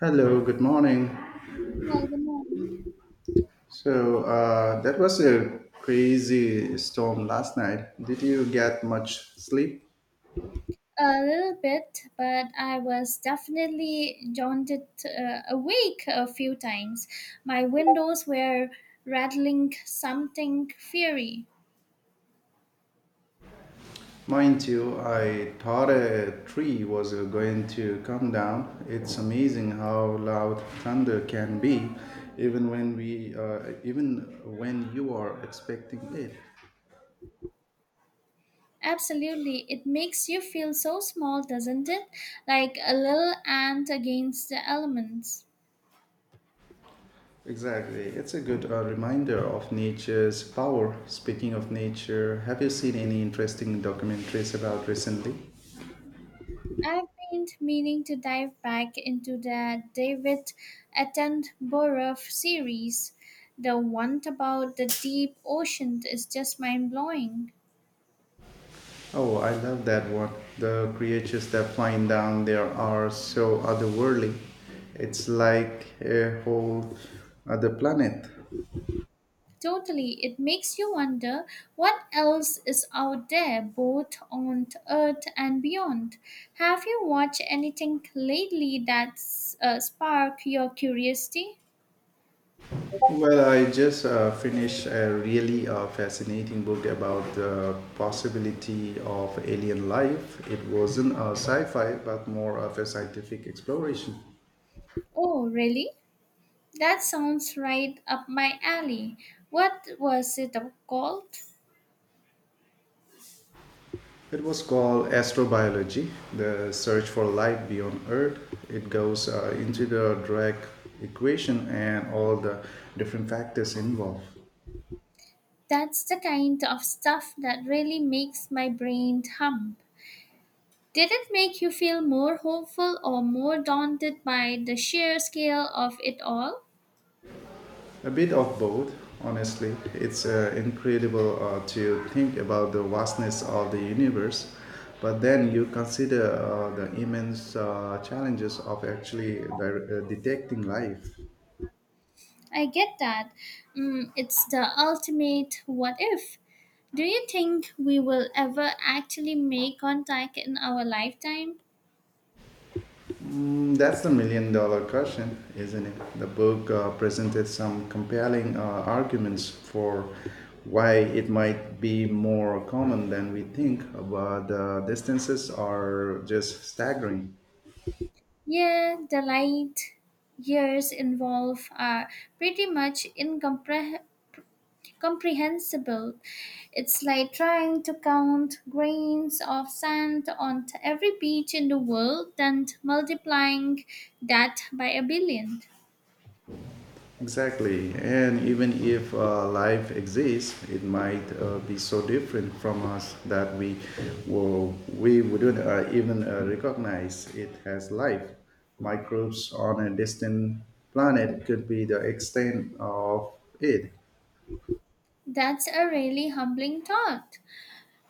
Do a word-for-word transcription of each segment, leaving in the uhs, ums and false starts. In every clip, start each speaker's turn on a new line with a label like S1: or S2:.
S1: Hello, good morning.
S2: Well, you know,
S1: So, uh, that was a crazy storm last night. Did you get much sleep?
S2: a little bit, but I was definitely jaunted uh, awake a few times. My windows were rattling something fiery.
S1: Mind you, I thought a tree was going to come down. It's amazing how loud thunder can be, even when we, uh, even when you are expecting it.
S2: Absolutely, it makes you feel so small, doesn't it? Like a little ant against the elements.
S1: Exactly. It's a good uh, reminder of nature's power. Speaking of nature, have you seen any interesting documentaries about recently?
S2: I've been meaning to dive back into the David Attenborough series. The one about the deep ocean is just mind blowing.
S1: Oh, I love that one. The creatures that flying down there are so otherworldly. It's like a whole other planet.
S2: Totally. It makes you wonder what else is out there, both on Earth and beyond. Have you watched anything lately that's uh, sparked your curiosity?
S1: Well, I just uh, finished a really uh, fascinating book about the possibility of alien life. It wasn't a sci fi, but more of a scientific exploration.
S2: Oh, really? That sounds right up my alley. What was it called?
S1: It was called astrobiology, the search for life beyond Earth. It goes uh, into the Drake equation and all the different factors involved.
S2: That's the kind of stuff that really makes my brain hum. Did it make you feel more hopeful or more daunted by the sheer scale of it all?
S1: A bit of both, honestly. It's uh, incredible uh, to think about the vastness of the universe, but then you consider uh, the immense uh, challenges of actually dire- uh, detecting life.
S2: I get that. Mm, it's the ultimate what if. Do you think we will ever actually make contact in our lifetime?
S1: Mm, that's the million dollar question, isn't it? The book uh, presented some compelling uh, arguments for why it might be more common than we think, but the distances are just staggering.
S2: Yeah, the light years involved are pretty much incomprehensible. It's like trying to count grains of sand on t- every beach in the world and multiplying that by a billion.
S1: Exactly, and even if uh, life exists, it might uh, be so different from us that we will, we wouldn't uh, even uh, recognize it has life. Microbes on a distant planet could be the extent of it.
S2: That's a really humbling thought.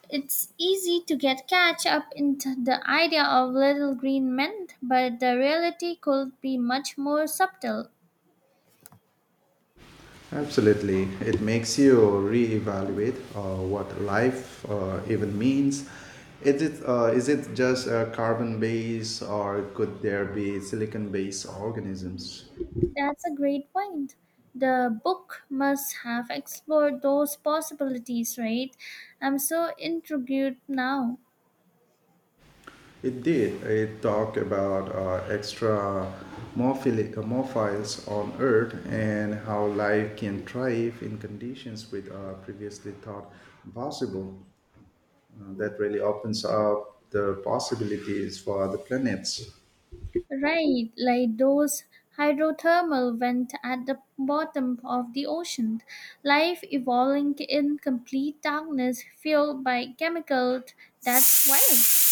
S2: It's easy to get catch up into the idea of little green men, but the reality could be much more subtle.
S1: Absolutely, it makes you reevaluate uh, what life uh, even means. Is it uh, is it just uh, carbon based, or could there be silicon based organisms?
S2: That's a great point. The book must have explored those possibilities, right? I'm so intrigued now.
S1: It did. It talked about uh, extra morphili- uh, morphils on Earth and how life can thrive in conditions with uh, previously thought impossible. Uh, that really opens up the possibilities for other planets.
S2: Right, like those hydrothermal vent at the bottom of the ocean. Life evolving in complete darkness fueled by chemicals. That's wild.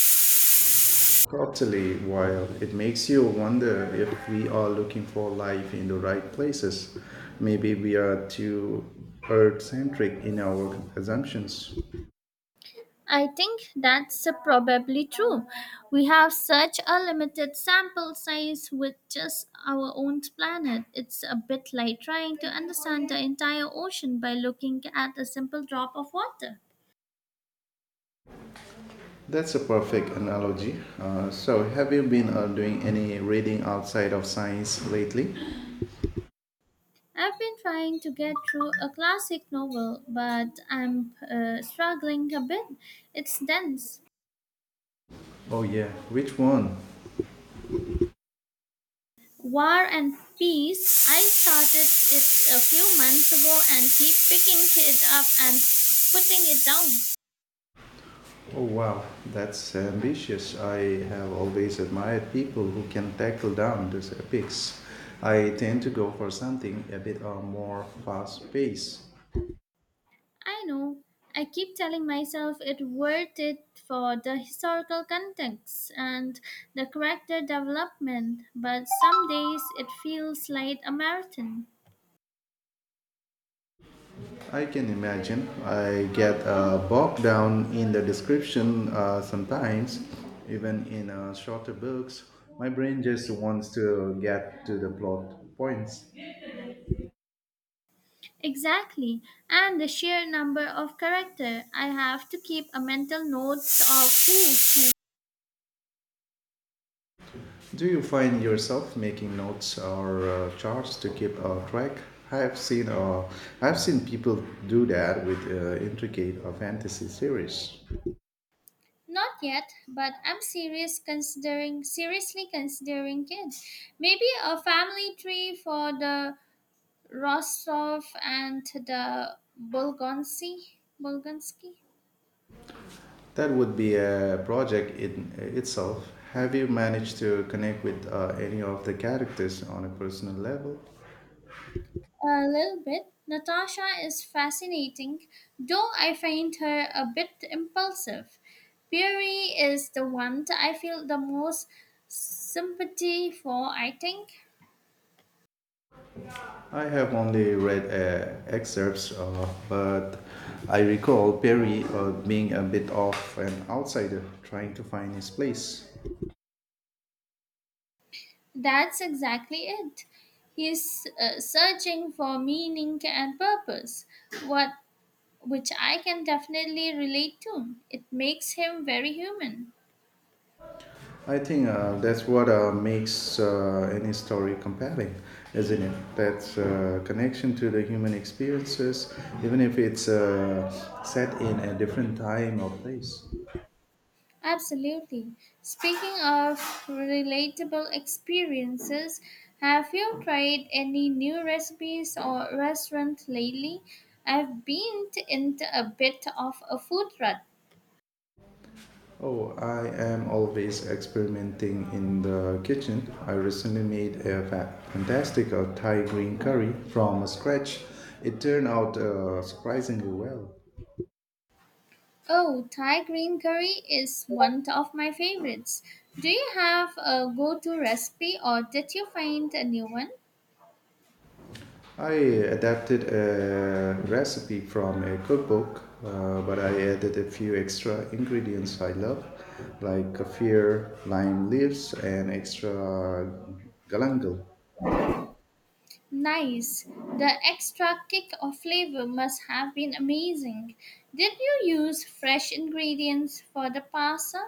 S1: Totally, while it makes you wonder if we are looking for life in the right places, maybe we are too Earth centric in our assumptions.
S2: I think that's uh, probably true. We have such a limited sample size with just our own planet. It's a bit like trying to understand the entire ocean by looking at a simple drop of water.
S1: That's a perfect analogy. Uh, so, have you been uh, doing any reading outside of science lately?
S2: I've been trying to get through a classic novel, but I'm uh, struggling a bit. It's dense.
S1: Oh, yeah. Which one?
S2: War and Peace. I started it a few months ago and keep picking it up and putting it down.
S1: Oh, wow. That's ambitious. I have always admired people who can tackle down these epics. I tend to go for something a bit uh, more fast paced.
S2: I know. I keep telling myself it worth it for the historical context and the character development, but some days it feels like a marathon.
S1: I can imagine. I get uh, bogged down in the description uh, sometimes, even in uh, shorter books. My brain just wants to get to the plot points.
S2: Exactly, and the sheer number of character. I have to keep a mental note of who's who.
S1: Do you find yourself making notes or uh, charts to keep uh, track? I have seen, uh, I've seen people do that with uh, intricate uh, fantasy series.
S2: Not yet, but I'm serious considering seriously considering kids. Maybe a family tree for the Rostov and the Bolgonsi, Bolgonski.
S1: That would be a project in itself. Have you managed to connect with uh, any of the characters on a personal level?
S2: A little bit. Natasha is fascinating, though I find her a bit impulsive. Piri is the one that I feel the most sympathy for, I think.
S1: I have only read uh, excerpts, uh, but I recall Perry uh, being a bit of an outsider trying to find his place.
S2: That's exactly it. He's uh, searching for meaning and purpose, what which I can definitely relate to. It makes him very human.
S1: I think uh, that's what uh, makes uh, any story compelling, isn't it? That uh, connection to the human experiences, even if it's uh, set in a different time or place.
S2: Absolutely. Speaking of relatable experiences, have you tried any new recipes or restaurant lately? I've been t- into a bit of a food rut.
S1: Oh, I am always experimenting in the kitchen. I recently made a fa- fantastic uh, Thai green curry from scratch. It turned out uh, surprisingly well.
S2: Oh, Thai green curry is one of my favorites. Do you have a go to recipe or did you find a new one?
S1: I adapted a recipe from a cookbook, uh, but I added a few extra ingredients I love, like kaffir, lime leaves, and extra galangal.
S2: Nice. The extra kick of flavor must have been amazing. Did you use fresh ingredients for the pasta?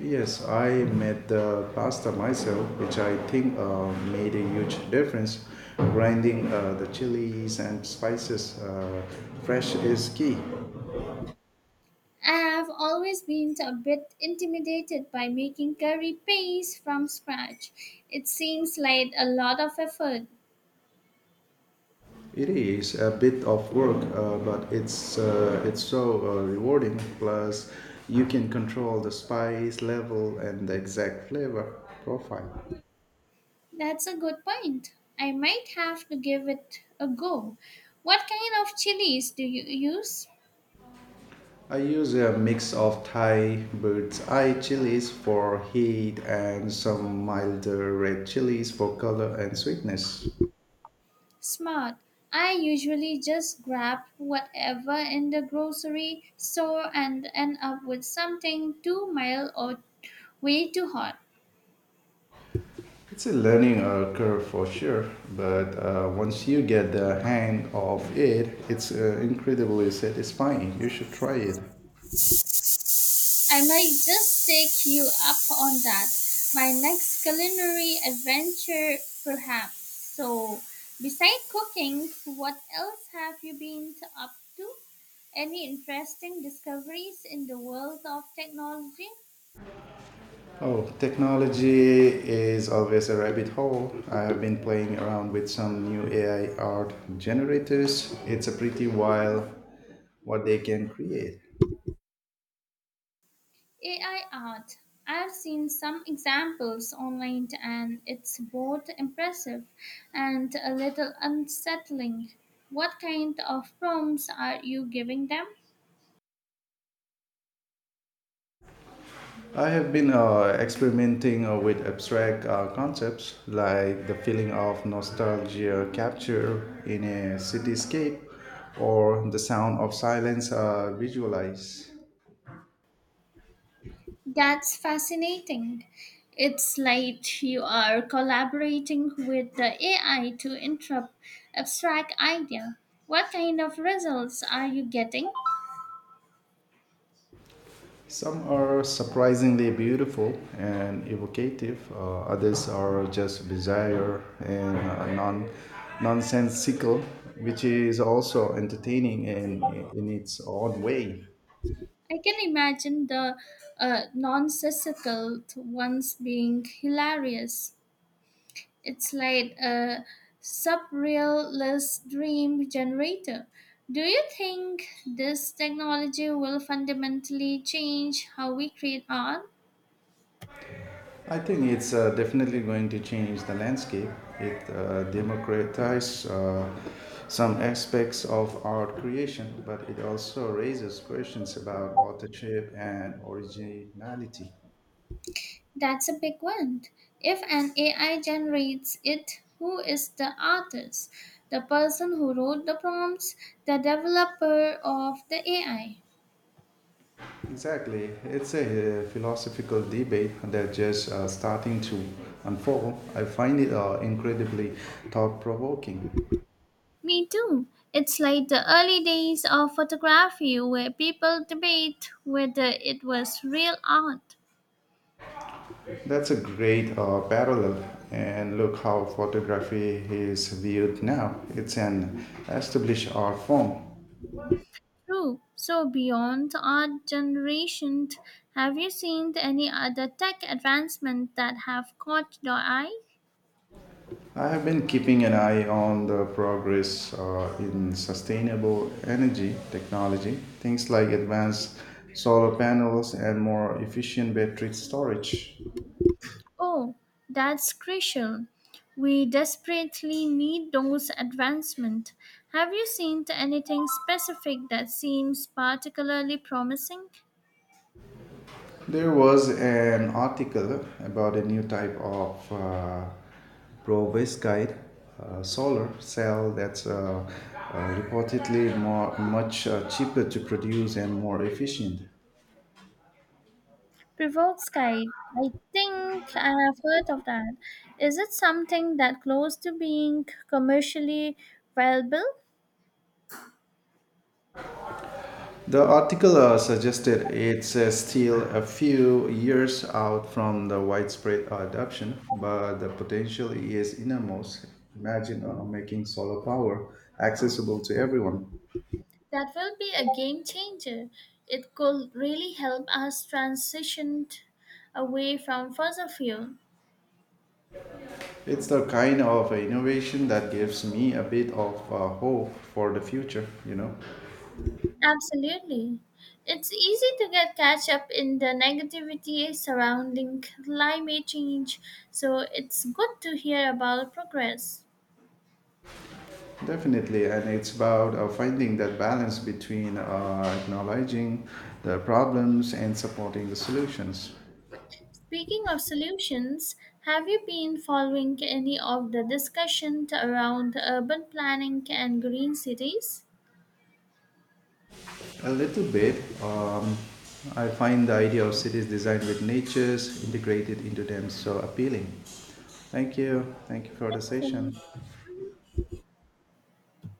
S1: Yes, I made the pasta myself, which I think uh, made a huge difference. Grinding uh, the chilies and spices uh, fresh is key.
S2: I've always been a bit intimidated by making curry paste from scratch. It seems like a lot of effort.
S1: It is a bit of work, uh, but it's uh, it's so uh, rewarding. Plus, you can control the spice level and the exact flavor profile.
S2: That's a good point. I might have to give it a go. What kind of chilies do you use?
S1: I use a mix of Thai bird's eye chilies for heat and some milder red chilies for color and sweetness.
S2: Smart. I usually just grab whatever in the grocery store and end up with something too mild or way too hot.
S1: It's a learning uh, curve for sure, but uh, once you get the hang of it, it's uh, incredibly satisfying. You should try it.
S2: I might just take you up on that. My next culinary adventure, perhaps. So, besides cooking, what else have you been to- up to? Any interesting discoveries in the world of technology?
S1: Oh, technology is always a rabbit hole. I have been playing around with some new A I art generators. It's a pretty wild what they can create.
S2: A I art. I've seen some examples online and it's both impressive and a little unsettling. What kind of prompts are you giving them?
S1: I have been uh, experimenting uh, with abstract uh, concepts like the feeling of nostalgia capture in a cityscape or the sound of silence uh, visualize.
S2: That's fascinating. It's like you are collaborating with the A I to interpret abstract idea. What kind of results are you getting?
S1: Some are surprisingly beautiful and evocative, uh, others are just bizarre and uh, non- nonsensical, which is also entertaining in, in its own way.
S2: I can imagine the uh, nonsensical ones being hilarious. It's like a subrealist dream generator. Do you think this technology will fundamentally change how we create art?
S1: I think it's uh, definitely going to change the landscape. It uh, democratizes uh, some aspects of art creation, but it also raises questions about authorship and originality.
S2: That's a big one. If an A I generates it, who is the artist? The person who wrote the prompts, the developer of the A I.
S1: Exactly. It's a uh, philosophical debate that just uh, starting to unfold. I find it uh, incredibly thought provoking.
S2: Me too. It's like the early days of photography where people debate whether it was real art.
S1: That's a great uh, parallel. And look how photography is viewed now. It's an established art form.
S2: True. So, beyond art generation, have you seen any other tech advancement that have caught your eye?
S1: I have been keeping an eye on the progress uh, in sustainable energy technology, things like advanced solar panels and more efficient battery storage.
S2: Oh, that's crucial. We desperately need those advancements. Have you seen anything specific that seems particularly promising?
S1: There was an article about a new type of uh, proboscide uh, solar cell that's uh, uh, reportedly more, much uh, cheaper to produce and more efficient.
S2: Provokes guide. I think I have heard of that. Is it something that close to being commercially viable?
S1: The article uh, suggested it's uh, still a few years out from the widespread adoption, but the potential is enormous. Imagine uh, making solar power accessible to everyone.
S2: That will be a game changer. It could really help us transition away from fossil fuel.
S1: It's the kind of innovation that gives me a bit of uh, hope for the future, you know.
S2: Absolutely. It's easy to get catch up in the negativity surrounding climate change, so it's good to hear about progress.
S1: Definitely, and it's about uh, finding that balance between uh, acknowledging the problems and supporting the solutions.
S2: Speaking of solutions, have you been following any of the discussion around urban planning and green cities?
S1: A little bit, um, I find the idea of cities designed with natures integrated into them so appealing. Thank you. Thank you for the
S2: Thanks so much.
S1: session.
S2: Mhm.